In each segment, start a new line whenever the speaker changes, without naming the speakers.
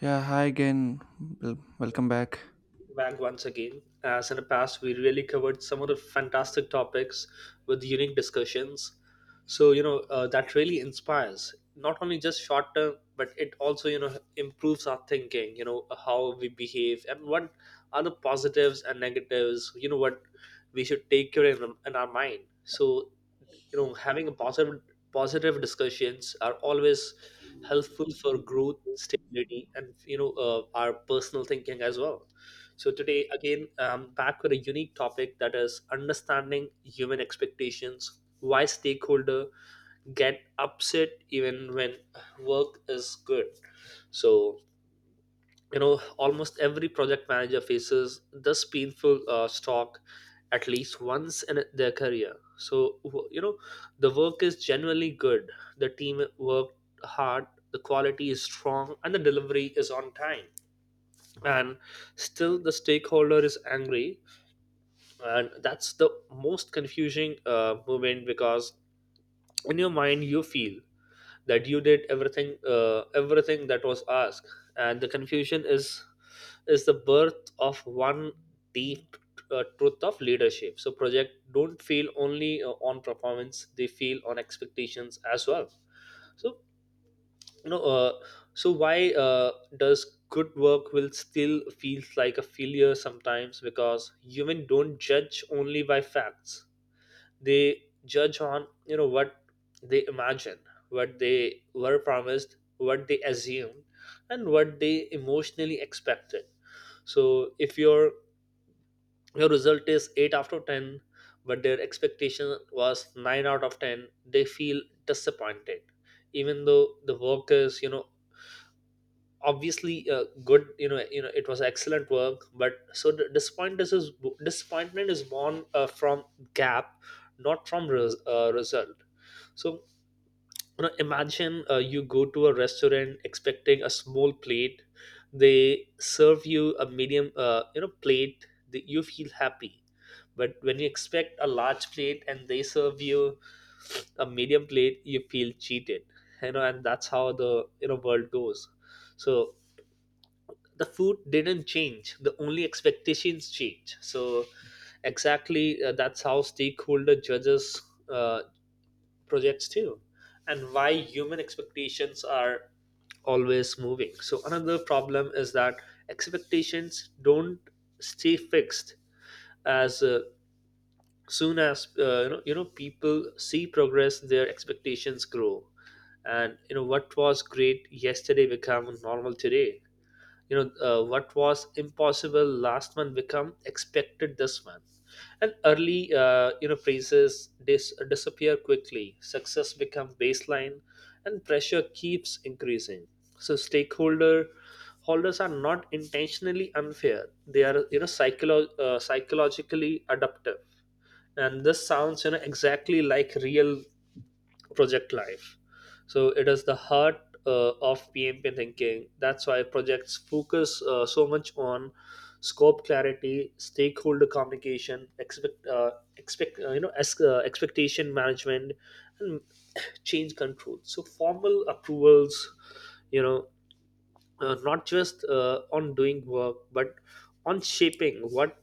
Yeah, hi again. Welcome back.
Back once again. As in the past, we really covered some of the fantastic topics with unique discussions. So that really inspires not only just short term, but it also, you know, improves our thinking, you know, how we behave and what are the positives and negatives, you know, what we should take care in our mind. So, you know, having a positive discussions are always helpful for growth stability and our personal thinking as well. So today again, back with a unique topic, that is understanding human expectations, why stakeholder get upset even when work is good. So you know, almost every project manager faces this painful stalk at least once in their career. So, the work is genuinely good, the team worked hard, the quality is strong, and the delivery is on time, and still the stakeholder is angry. And that's the most confusing moment, because in your mind you feel that you did everything that was asked, and the confusion is the birth of one deep truth of leadership. So project don't feel only on performance, they feel on expectations as well. So you know uh, so why uh, does good work will still feels like a failure sometimes? Because human don't judge only by facts, they judge on you know what they imagine, what they were promised, what they assumed, and what they emotionally expected. So if your result is 8 out of 10 but their expectation was 9 out of 10, they feel disappointed, even though the work is, you know, obviously good, you know, you know it was excellent work. But so the disappointment is born from gap, not from result. So you know, imagine you go to a restaurant expecting a small plate. They serve you a medium, you know, plate. That you feel happy, but when you expect a large plate and they serve you a medium plate, you feel cheated. You know, and that's how the you know world goes. So the food didn't change. The only expectations change. So exactly, that's how stakeholder judges. Uh, Projects too. And why human expectations are always moving? So another problem is that expectations don't stay fixed. As soon as you know, you know, people see progress, their expectations grow. And you know, what was great yesterday become normal today. You know, what was impossible last month become expected this month. And early, you know, praises disappear quickly, success become baseline, and pressure keeps increasing. So stakeholder holders are not intentionally unfair, they are you know psychologically adaptive. And this sounds, you know, exactly like real project life. So it is the heart of PMP thinking. That's why projects focus so much on scope clarity, stakeholder communication, expectation management, and change control, so formal approvals. You know, not just on doing work, but on shaping what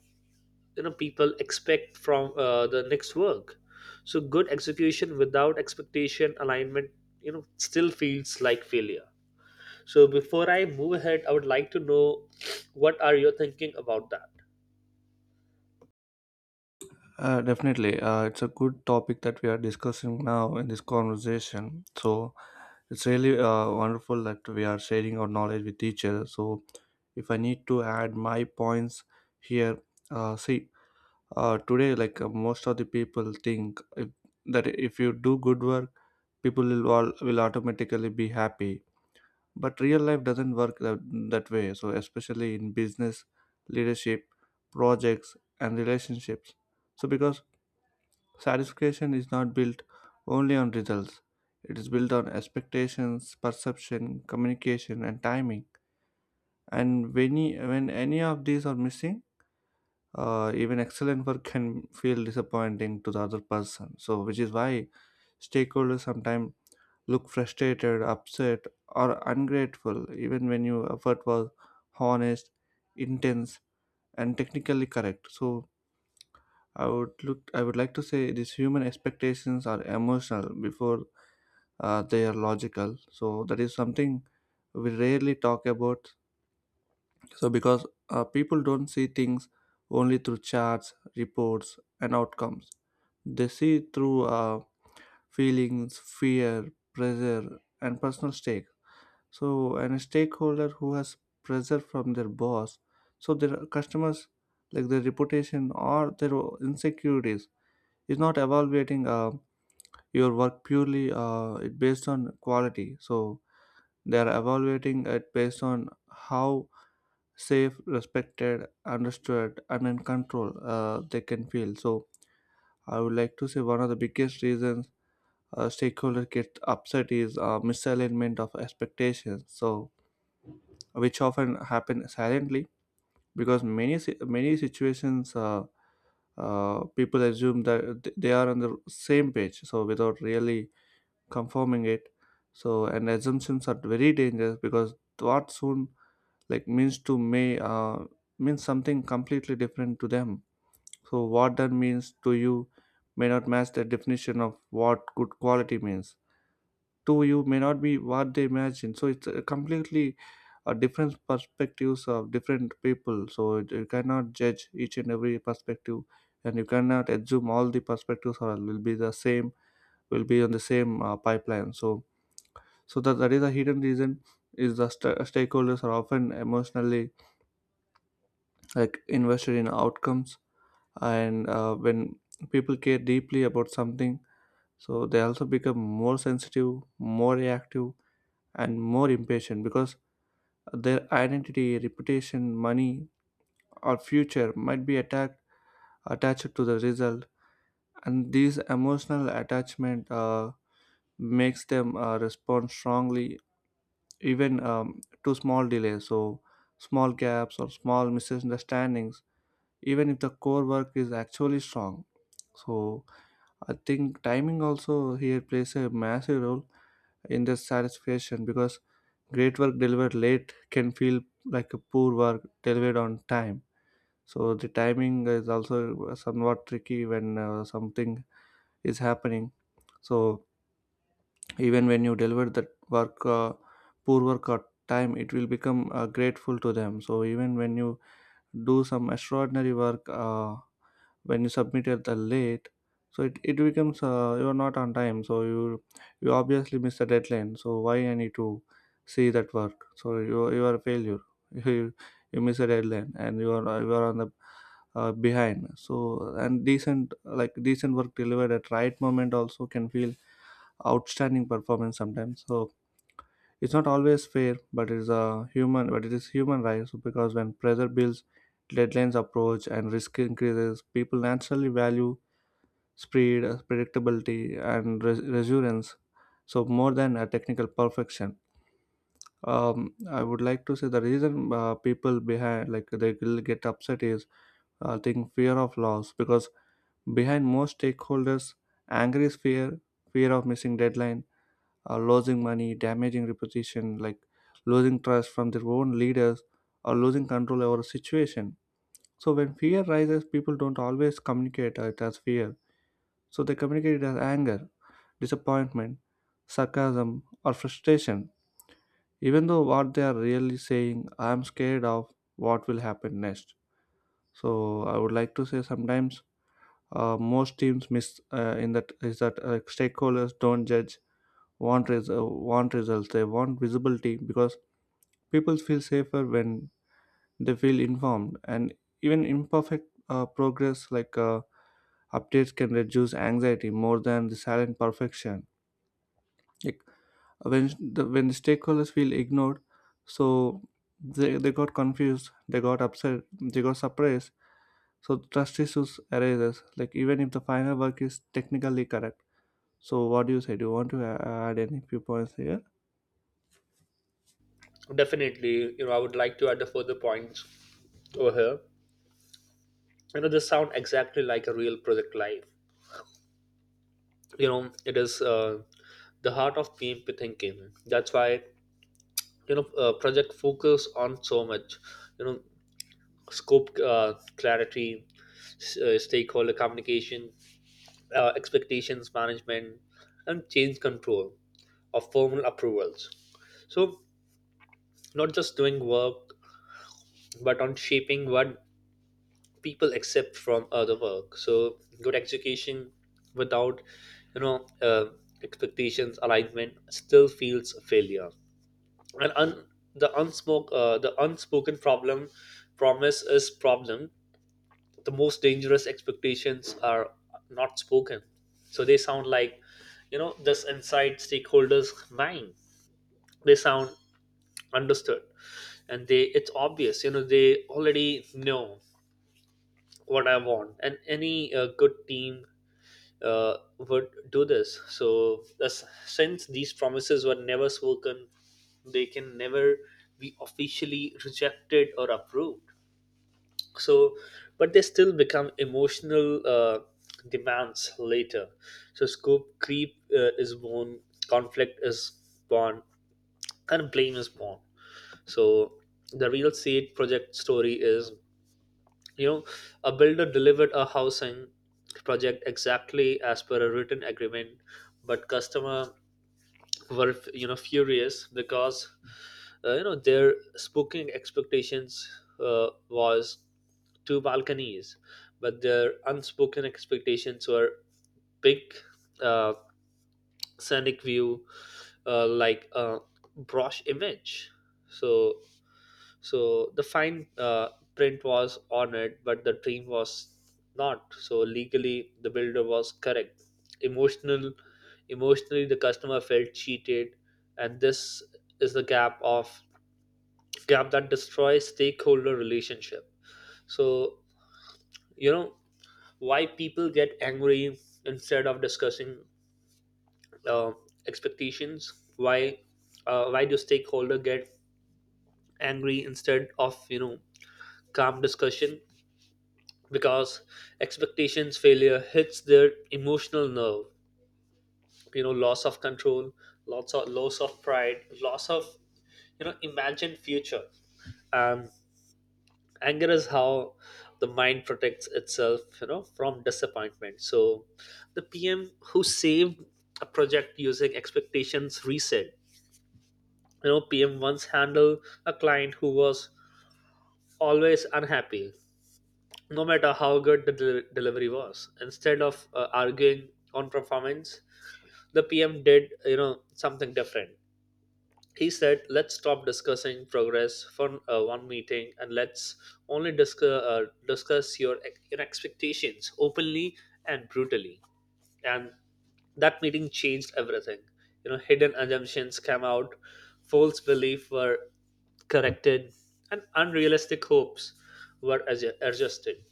you know people expect from the next work. So good execution without expectation alignment, you know, still feels like failure. So before I move ahead, I would like to know, what are you thinking about that?
Definitely, it's a good topic that we are discussing now in this conversation. So it's really wonderful that we are sharing our knowledge with each other. So if I need to add my points here, see, today most of the people think if, that if you do good work, will automatically be happy, but real life doesn't work that way. So especially in business, leadership, projects, and relationships. So because satisfaction is not built only on results, it is built on expectations, perception, communication, and timing. And when any of these are missing, even excellent work can feel disappointing to the other person. So which is why stakeholders sometimes look frustrated, upset, or ungrateful, even when your effort was honest, intense, and technically correct. So I would look. I would like to say these human expectations are emotional before they are logical. So that is something we rarely talk about. So because people don't see things only through charts, reports, and outcomes. They see through feelings, fear, pressure, and personal stakes. So and a stakeholder who has pressure from their boss, so their customers, like their reputation or their insecurities, is not evaluating your work purely it based on quality. So they are evaluating it based on how safe, respected, understood, and in control they can feel. So I would like to say one of the biggest reasons stakeholder get upset is misalignment of expectations, so which often happen silently. Because many situations, people assume that they are on the same page, so without really confirming it. So and assumptions are very dangerous because what soon like means to me, means something completely different to them. So what that means to you may not match the definition of what good quality means to you, may not be what they imagine. So it's a completely a different perspectives of different people. So you cannot judge each and every perspective, and you cannot assume all the perspectives are will be the same, will be on the same pipeline. So so that is a hidden reason. Is the stakeholders are often emotionally like invested in outcomes. And when people care deeply about something, so they also become more sensitive, more reactive, and more impatient, because their identity, reputation, money, or future might be attacked, attached to the result. And this emotional attachment makes them respond strongly even to small delays. So small gaps or small misunderstandings, even if the core work is actually strong. So I think timing also here plays a massive role in the satisfaction, because great work delivered late can feel like a poor work delivered on time. So the timing is also somewhat tricky when something is happening. So even when you deliver the work, poor work or time, it will become grateful to them. So even when you do some extraordinary work. When you submit it the late, so it becomes you're not on time. So you obviously miss the deadline, so why I need to see that work. So you are a failure you, you miss a deadline and you are on the behind. So and decent like decent work delivered at right moment also can feel outstanding performance sometimes. So it's not always fair, but it's a human, but it is human right. So because when pressure builds, deadlines approach, and risk increases, people naturally value speed, predictability, and resilience. So more than a technical perfection. I would like to say the reason people behind like they will get upset is I think fear of loss, because behind most stakeholders, anger is fear, fear of missing deadline, losing money, damaging reputation, like losing trust from their own leaders, or losing control over a situation. So when fear rises, people don't always communicate it as fear. So they communicate it as anger, disappointment, sarcasm, or frustration, even though what they are really saying, I am scared of what will happen next. So I would like to say sometimes, most teams miss in that is that stakeholders don't judge, want want results, they want visibility, because people feel safer when they feel informed. And even imperfect progress like updates can reduce anxiety more than the silent perfection. A when the stakeholders feel ignored, so they got confused, they got upset, they got surprised. So trust issues arises, like even if the final work is technically correct. So what do you say, do you want to add any few points here?
Definitely, you know, I would like to add a further points over here. You know, this sound exactly like a real project life. You know, it is the heart of PMP thinking. That's why you know project focus on so much. You know, scope clarity, stakeholder communication, expectations management, and change control of formal approvals. So, not just doing work, but on shaping what people accept from other work. So, good execution without, you know, uh, expectations alignment still feels a failure. And the unspoken promise is problem. The most dangerous expectations are not spoken. So they sound like, you know, this inside stakeholders' mind. They sound understood, and they it's obvious, you know, they already know what I want, and any good team would do this. So thus, since these promises were never spoken, they can never be officially rejected or approved. So but they still become emotional demands later. So scope creep is born, conflict is born, and blame is born. So the real seed project story is, you know, a builder delivered a housing project exactly as per a written agreement, but customer were, you know, furious, because you know, their spooking expectations was two balconies, but their unspoken expectations were big uh, scenic view, like a brosh image. So so the fine print was on it, but the dream was not. So legally, the builder was correct. Emotional, emotionally, the customer felt cheated, and this is the gap that destroys stakeholder relationship. So you know, why people get angry instead of discussing uh, expectations? Why do stakeholder get angry instead of, you know, calm discussion? Because expectations failure hits their emotional nerve, you know, loss of control, lots of loss of pride, loss of, you know, imagined future. um Anger is how the mind protects itself, you know, from disappointment. So the PM who saved a project using expectations reset, you know, PM once handled a client who was always unhappy, no matter how good the delivery was. Instead of arguing on performance, the PM did, you know, something different. He said, let's stop discussing progress for one meeting, and let's only discuss your, your expectations openly and brutally. And that meeting changed everything. You know, hidden assumptions came out, false beliefs were corrected, and unrealistic hopes were adjusted.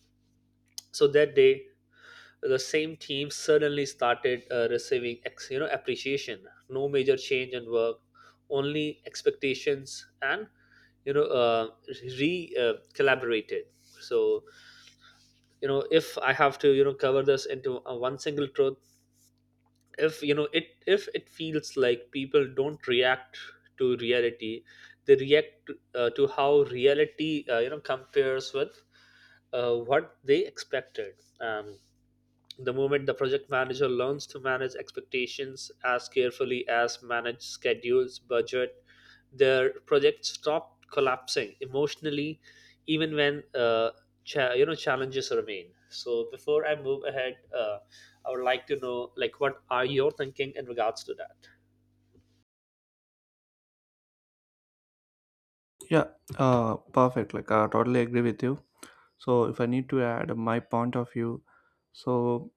So that day, the same team suddenly started receiving you know, appreciation, no major change in work, only expectations and, you know re collaborated. So you know, if I have to, you know, cover this into one single truth, if you know it, if it feels like people don't react to reality, they react to how reality, you know, compares with what they expected. um, the moment the project manager learns to manage expectations as carefully as manage schedules, budget, their projects stop collapsing emotionally, even when you know, challenges remain. So before I move ahead, I would like to know, like what are your thinking in regards to that?
Yeah. Perfect, like I totally agree with you. So if I need to add my point of view. So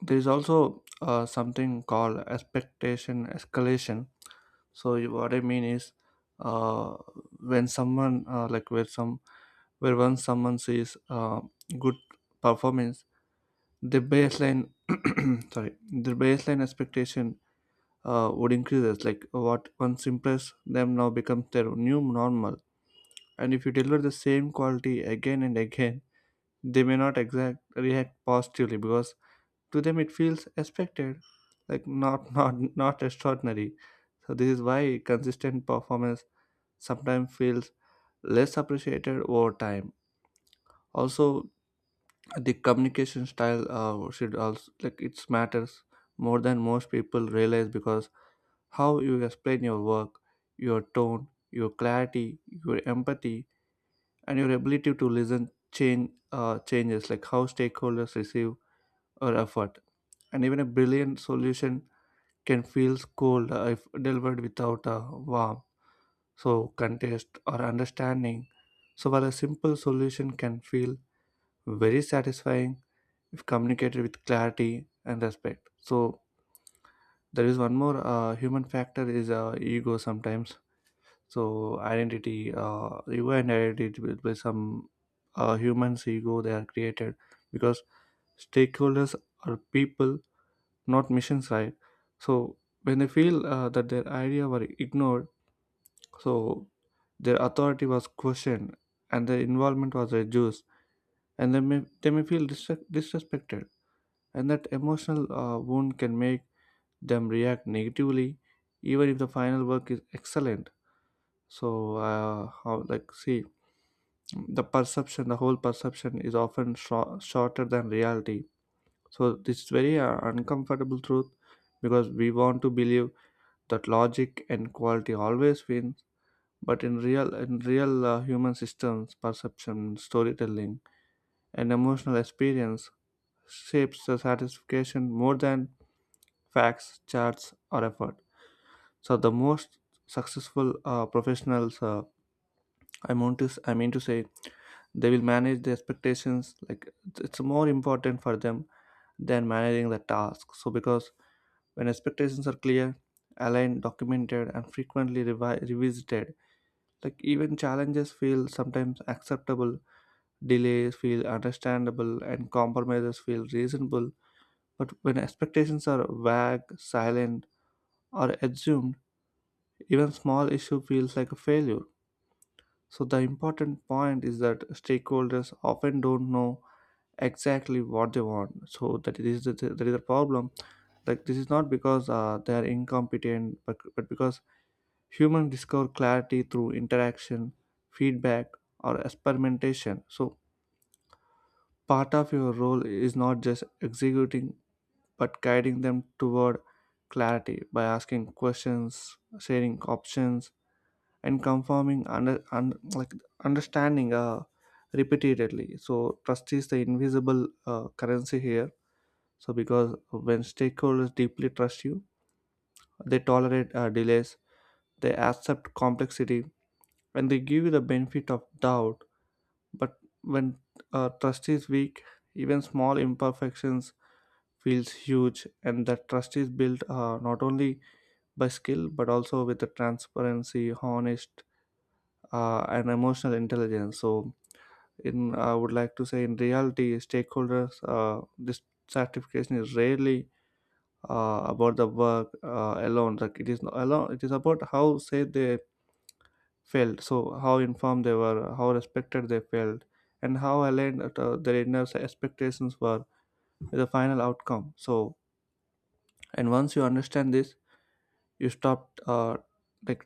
there is also something called expectation escalation. So what I mean is, uh, when someone like where some where once someone sees good performance, the baseline sorry, the baseline expectation would increases, like what once impressed them now becomes their new normal. And if you deliver the same quality again and again, they may not exact react positively, because to them it feels expected, like not not extraordinary. So this is why consistent performance sometimes feels less appreciated over time. Also, the communication style should also like it matters more than most people realize, because how you explain your work, your tone, your clarity, your empathy, and your ability to listen changes like how stakeholders receive our effort. And even a brilliant solution can feel cold if delivered without a warmth, so contest or understanding. So while a simple solution can feel very satisfying if communicated with clarity and respect. So there is one more human factor is ego sometimes. So identity, ego and identity with some humans ego they are created, because stakeholders are people, not missions, right? So when they feel that their idea were ignored, so their authority was questioned and their involvement was reduced, and they may feel disrespected. And that emotional wound can make them react negatively, even if the final work is excellent. So, like, see, the whole perception is often shorter than reality. So this is very uncomfortable truth, because we want to believe that logic and quality always win. But in real human systems, perception, storytelling, and emotional experience shapes the satisfaction more than facts, charts, or effort. So the most successful professionals, I mean to say, they will manage the expectations like it's more important for them than managing the task. So because when expectations are clear, aligned, documented, and frequently revisited, like even challenges feel sometimes acceptable. Delays feel understandable and compromises feel reasonable, but when expectations are vague, silent, or assumed, even small issue feels like a failure. So the important point is that stakeholders often don't know exactly what they want. So that it is that is the problem. Like this is not because they are incompetent, but because humans discover clarity through interaction, feedback, or experimentation. So part of your role is not just executing, but guiding them toward clarity by asking questions, sharing options, and confirming like understanding repeatedly. So trust is the invisible currency here. So because when stakeholders deeply trust you, they tolerate delays, they accept complexity, and they give you the benefit of doubt. But when trust is weak, even small imperfections feels huge. And that trust is built not only by skill but also with the transparency, honest, and emotional intelligence. So in I would like to say in reality, stakeholders this certification is rarely about the work alone, like it is not alone, it is about how say they felt. So how informed they were, how respected they felt, and how aligned their inner expectations were with the final outcome. So and once you understand this, you stopped like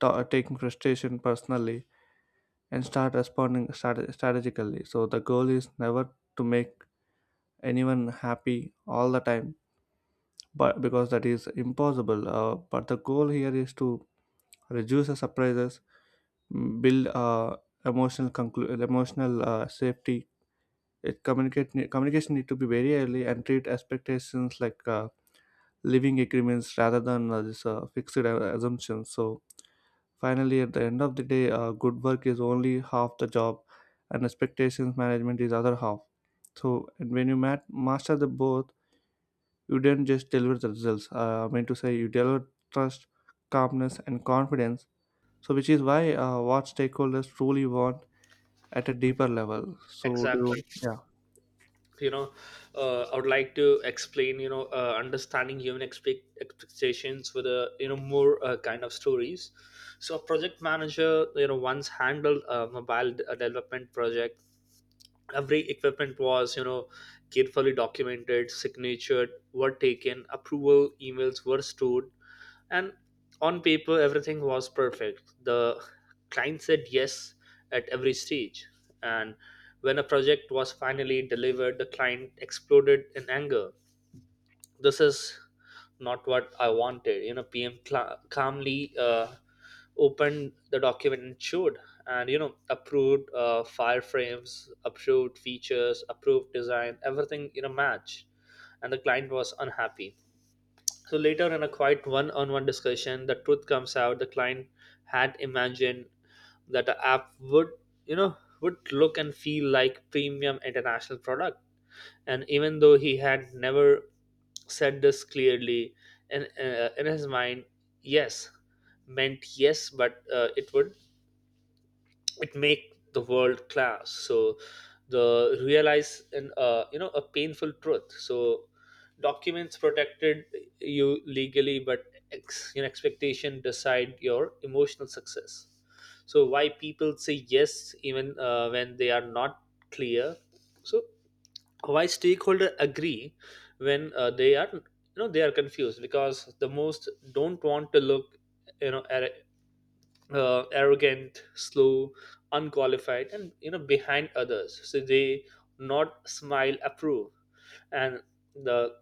ta taking frustration personally and start responding strategically. So the goal is never to make anyone happy all the time, but because that is impossible, but the goal here is to reduce the surprises, build emotional emotional safety. It communication need to be very early and treat expectations like living agreements rather than this fixed assumptions. So finally, at the end of the day, good work is only half the job, and expectations management is other half. So and when you master the both, you didn't just deliver the results. I mean to say, you deliver trust, calmness, and confidence. So which is why what stakeholders truly want at a deeper level. So do
Exactly.
yeah.
You know, I would like to explain, you know, understanding human expectations with a, you know, more kind of stories. So a project manager, you know, once handled a mobile development project. Every equipment was, you know, carefully documented, signatured were taken, approval emails were stored, and on paper everything was perfect. The client said yes at every stage, and when a project was finally delivered, the client exploded in anger. This is not what I wanted. You know, PM cla calmly opened the document and showed and, you know, approved fireframes, approved features, approved design, everything in a match, and the client was unhappy. So later, in a quiet one-on-one discussion, the truth comes out. The client had imagined that the app would, you know, would look and feel like premium international product. And even though he had never said this clearly, in his mind, yes meant yes, but it would it make the world class. So the realize and, you know, a painful truth. So documents protected you legally, but ex, you know, expectation decide your emotional success. So why people say yes even when they are not clear? So why stakeholder agree when they are, you know, they are confused? Because the most don't want to look, you know, arrogant, slow, unqualified, and, you know, behind others. So they not smile approve and the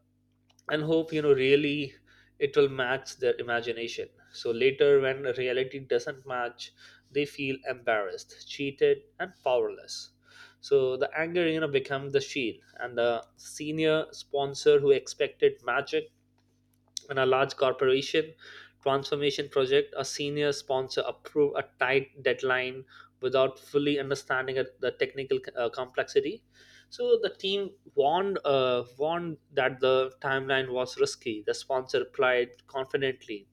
and hope, you know, really it will match their imagination. So later when reality doesn't match, they feel embarrassed, cheated, and powerless. So the anger, you know, become the shield. And the senior sponsor who expected magic, in a large corporation transformation project, a senior sponsor approved a tight deadline without fully understanding the technical complexity. So the team warned that the timeline was risky. The sponsor replied confidently,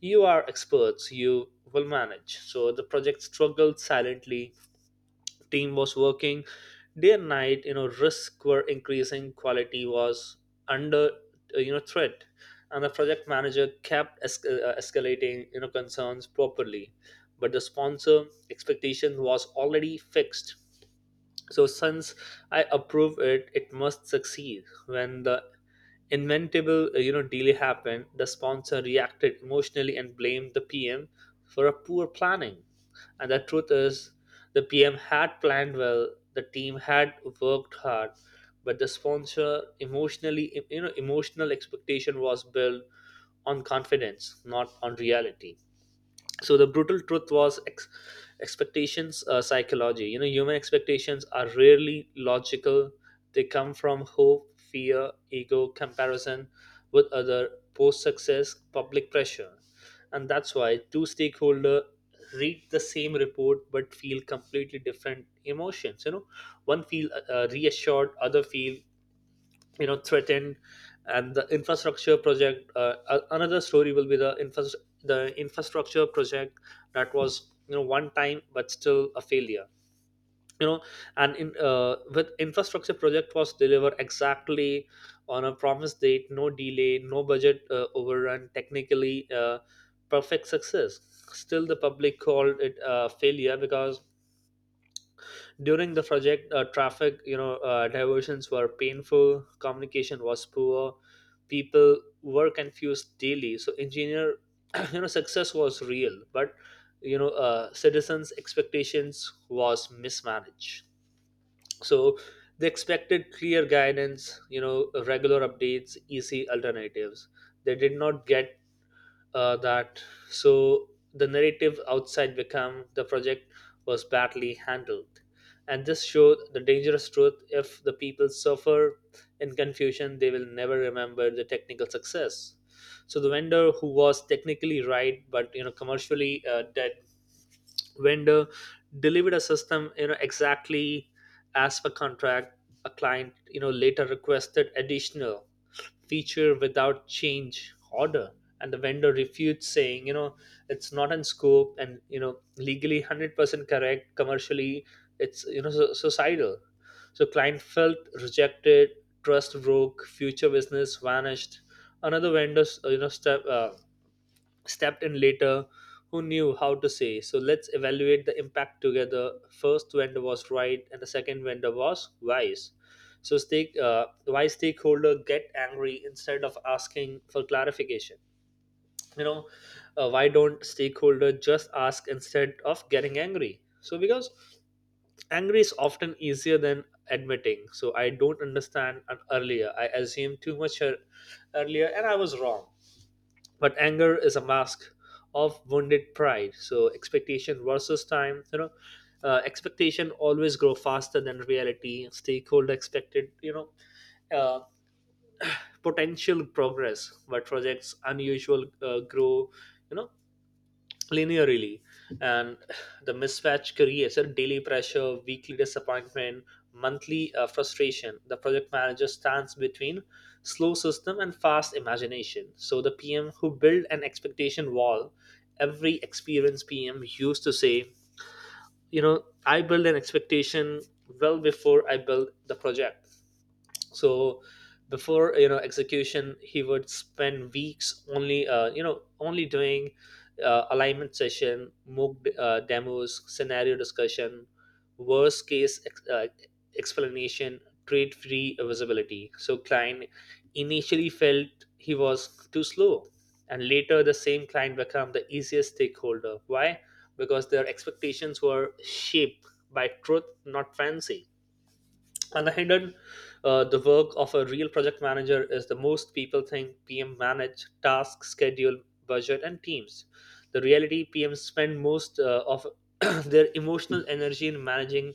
"You are experts. You will manage." So the project struggled silently. Team was working day and night, you know, risks were increasing, quality was under you know, threat, and the project manager kept escalating, you know, concerns properly, but the sponsor expectation was already fixed. So, since I approve it, it must succeed. When the inventable you know, delay happened, the sponsor reacted emotionally and blamed the PM for a poor planning. And the truth is, the PM had planned well, the team had worked hard, but the sponsor emotionally you know emotional expectation was built on confidence, not on reality. So the brutal truth was ex- expectations psychology you know human expectations are rarely logical. They come from hope, fear, ego, comparison with other, post success, public pressure. And that's why two stakeholder read the same report but feel completely different emotions. One feel reassured, other feel threatened. And the infrastructure project, another story will be the the infrastructure project that was, one time but still a failure you know and in with infrastructure project was delivered exactly on a promised date, no delay, no budget overrun, technically perfect success. Still the public called it a failure because during the project, traffic, diversions were painful, communication was poor, people were confused daily. So engineer, success was real, but citizens expectations was mismanaged. So they expected clear guidance, regular updates, easy alternatives. They did not get that. So the narrative outside become the project was badly handled. And this showed the dangerous truth: if the people suffer in confusion, they will never remember the technical success. So the vendor who was technically right but, commercially dead. Vendor delivered a system, exactly as per contract. A client, later requested additional feature without change order. And the vendor refutes saying, it's not in scope, and legally 100% correct, commercially it's, suicidal. So client felt rejected, trust broke, future business vanished. Another vendor, stepped in later, who knew how to say, "So, let's evaluate the impact together." First vendor was right and the second vendor was wise. So stake why stakeholder get angry instead of asking for clarification? you know why don't stakeholder just ask instead of getting angry? So because angry is often easier than admitting, "So I don't understand. Earlier I assumed too much. Earlier and I was wrong." But anger is a mask of wounded pride. So expectation versus time, expectation always grow faster than reality. Stakeholder expected, uh, potential progress, but projects unusual grow, you know linearly. And the mismatch creates a daily pressure, weekly disappointment, monthly frustration. The project manager stands between slow system and fast imagination. So the PM who built an expectation wall. Every experienced PM used to say, "I build an expectation well before I build the project." So before, execution, he would spend weeks only, only doing alignment session, mock demos, scenario discussion, worst case explanation, trade free visibility. So client initially felt he was too slow, and later the same client became the easiest stakeholder. Why? Because their expectations were shaped by truth, not fancy. On the hidden, the work of a real project manager is, the most people think PM manage task, schedule, budget and teams. The reality, PM spend most of their emotional energy in managing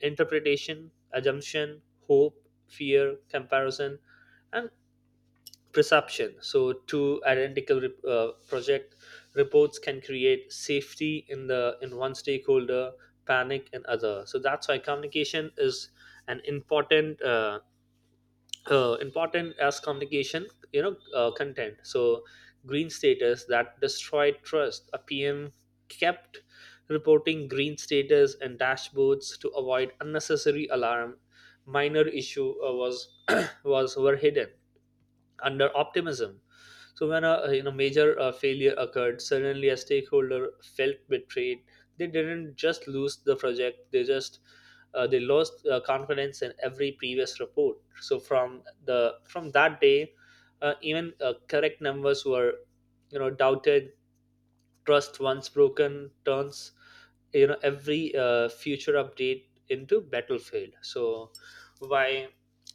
interpretation, assumption, hope, fear, comparison and perception. So, two identical project reports can create safety in the in one stakeholder, panic in other. So that's why communication is an important, important as communication, content. So, green status that destroyed trust. A PM kept reporting green status and dashboards to avoid unnecessary alarm. Minor issue was was were hidden under optimism. So when a, major failure occurred, suddenly a stakeholder felt betrayed. They didn't just lose the project; they just they lost confidence in every previous report. So from the from that day, even correct numbers were, doubted. Trust once broken turns, every future update into battlefield. So why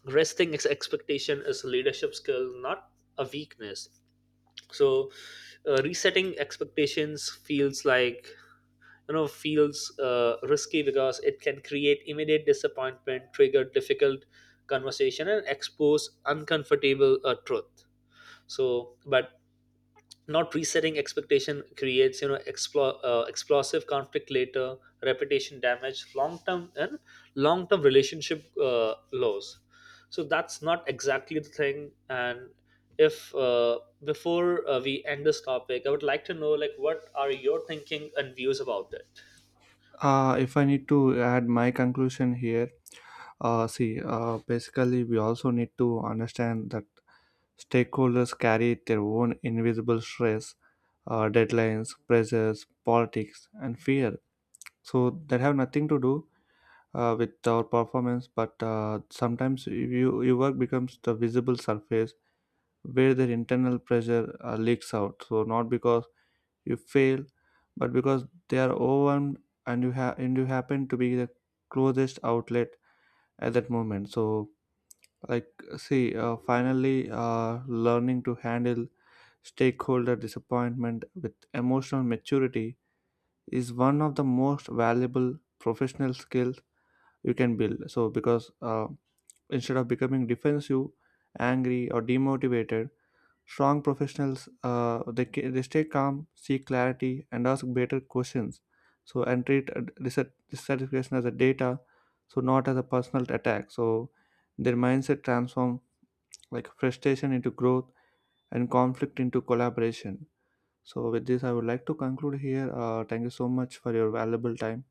resting expectation is a leadership skill, not a weakness. So resetting expectations feels like, you know feels risky, because it can create immediate disappointment, trigger difficult conversation and expose uncomfortable truth. So but not resetting expectation creates, explosive conflict later, reputation damage long term, and long term relationship loss. So that's not exactly the thing. And if before, we end this topic, I would like to know, like, what are your thinking and views about it.
If I need to add my conclusion here, see, basically, we also need to understand that stakeholders carry their own invisible stress, deadlines, pressures, politics, and fear. So that have nothing to do with our performance, but sometimes your work becomes the visible surface where their internal pressure leaks out. So not because you fail, but because they are overwhelmed and you have and you happen to be the closest outlet at that moment. So like see, finally, learning to handle stakeholder disappointment with emotional maturity is one of the most valuable professional skills you can build. So because instead of becoming defensive, angry, or demotivated, strong professionals they stay calm, seek clarity, and ask better questions. So and treat dissatisfaction as a data, so not as a personal attack. So their mindset transform like frustration into growth and conflict into collaboration. So with this, I would like to conclude here. Thank you so much for your valuable time.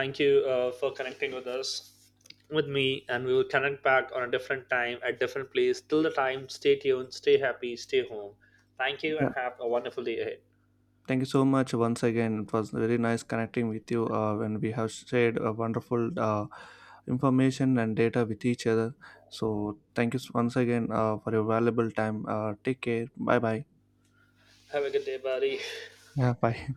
Thank you for connecting with us, with me, and we will connect back on a different time at different place. Till the time, stay tuned, stay happy, stay home. Thank you
Yeah,
and have a wonderful day ahead.
thank you so much once again. It was very nice connecting with you when we have shared a wonderful information and data with each other. So thank you once again for your valuable time. Take care. Bye bye.
Have a good day, buddy.
Yeah. Bye.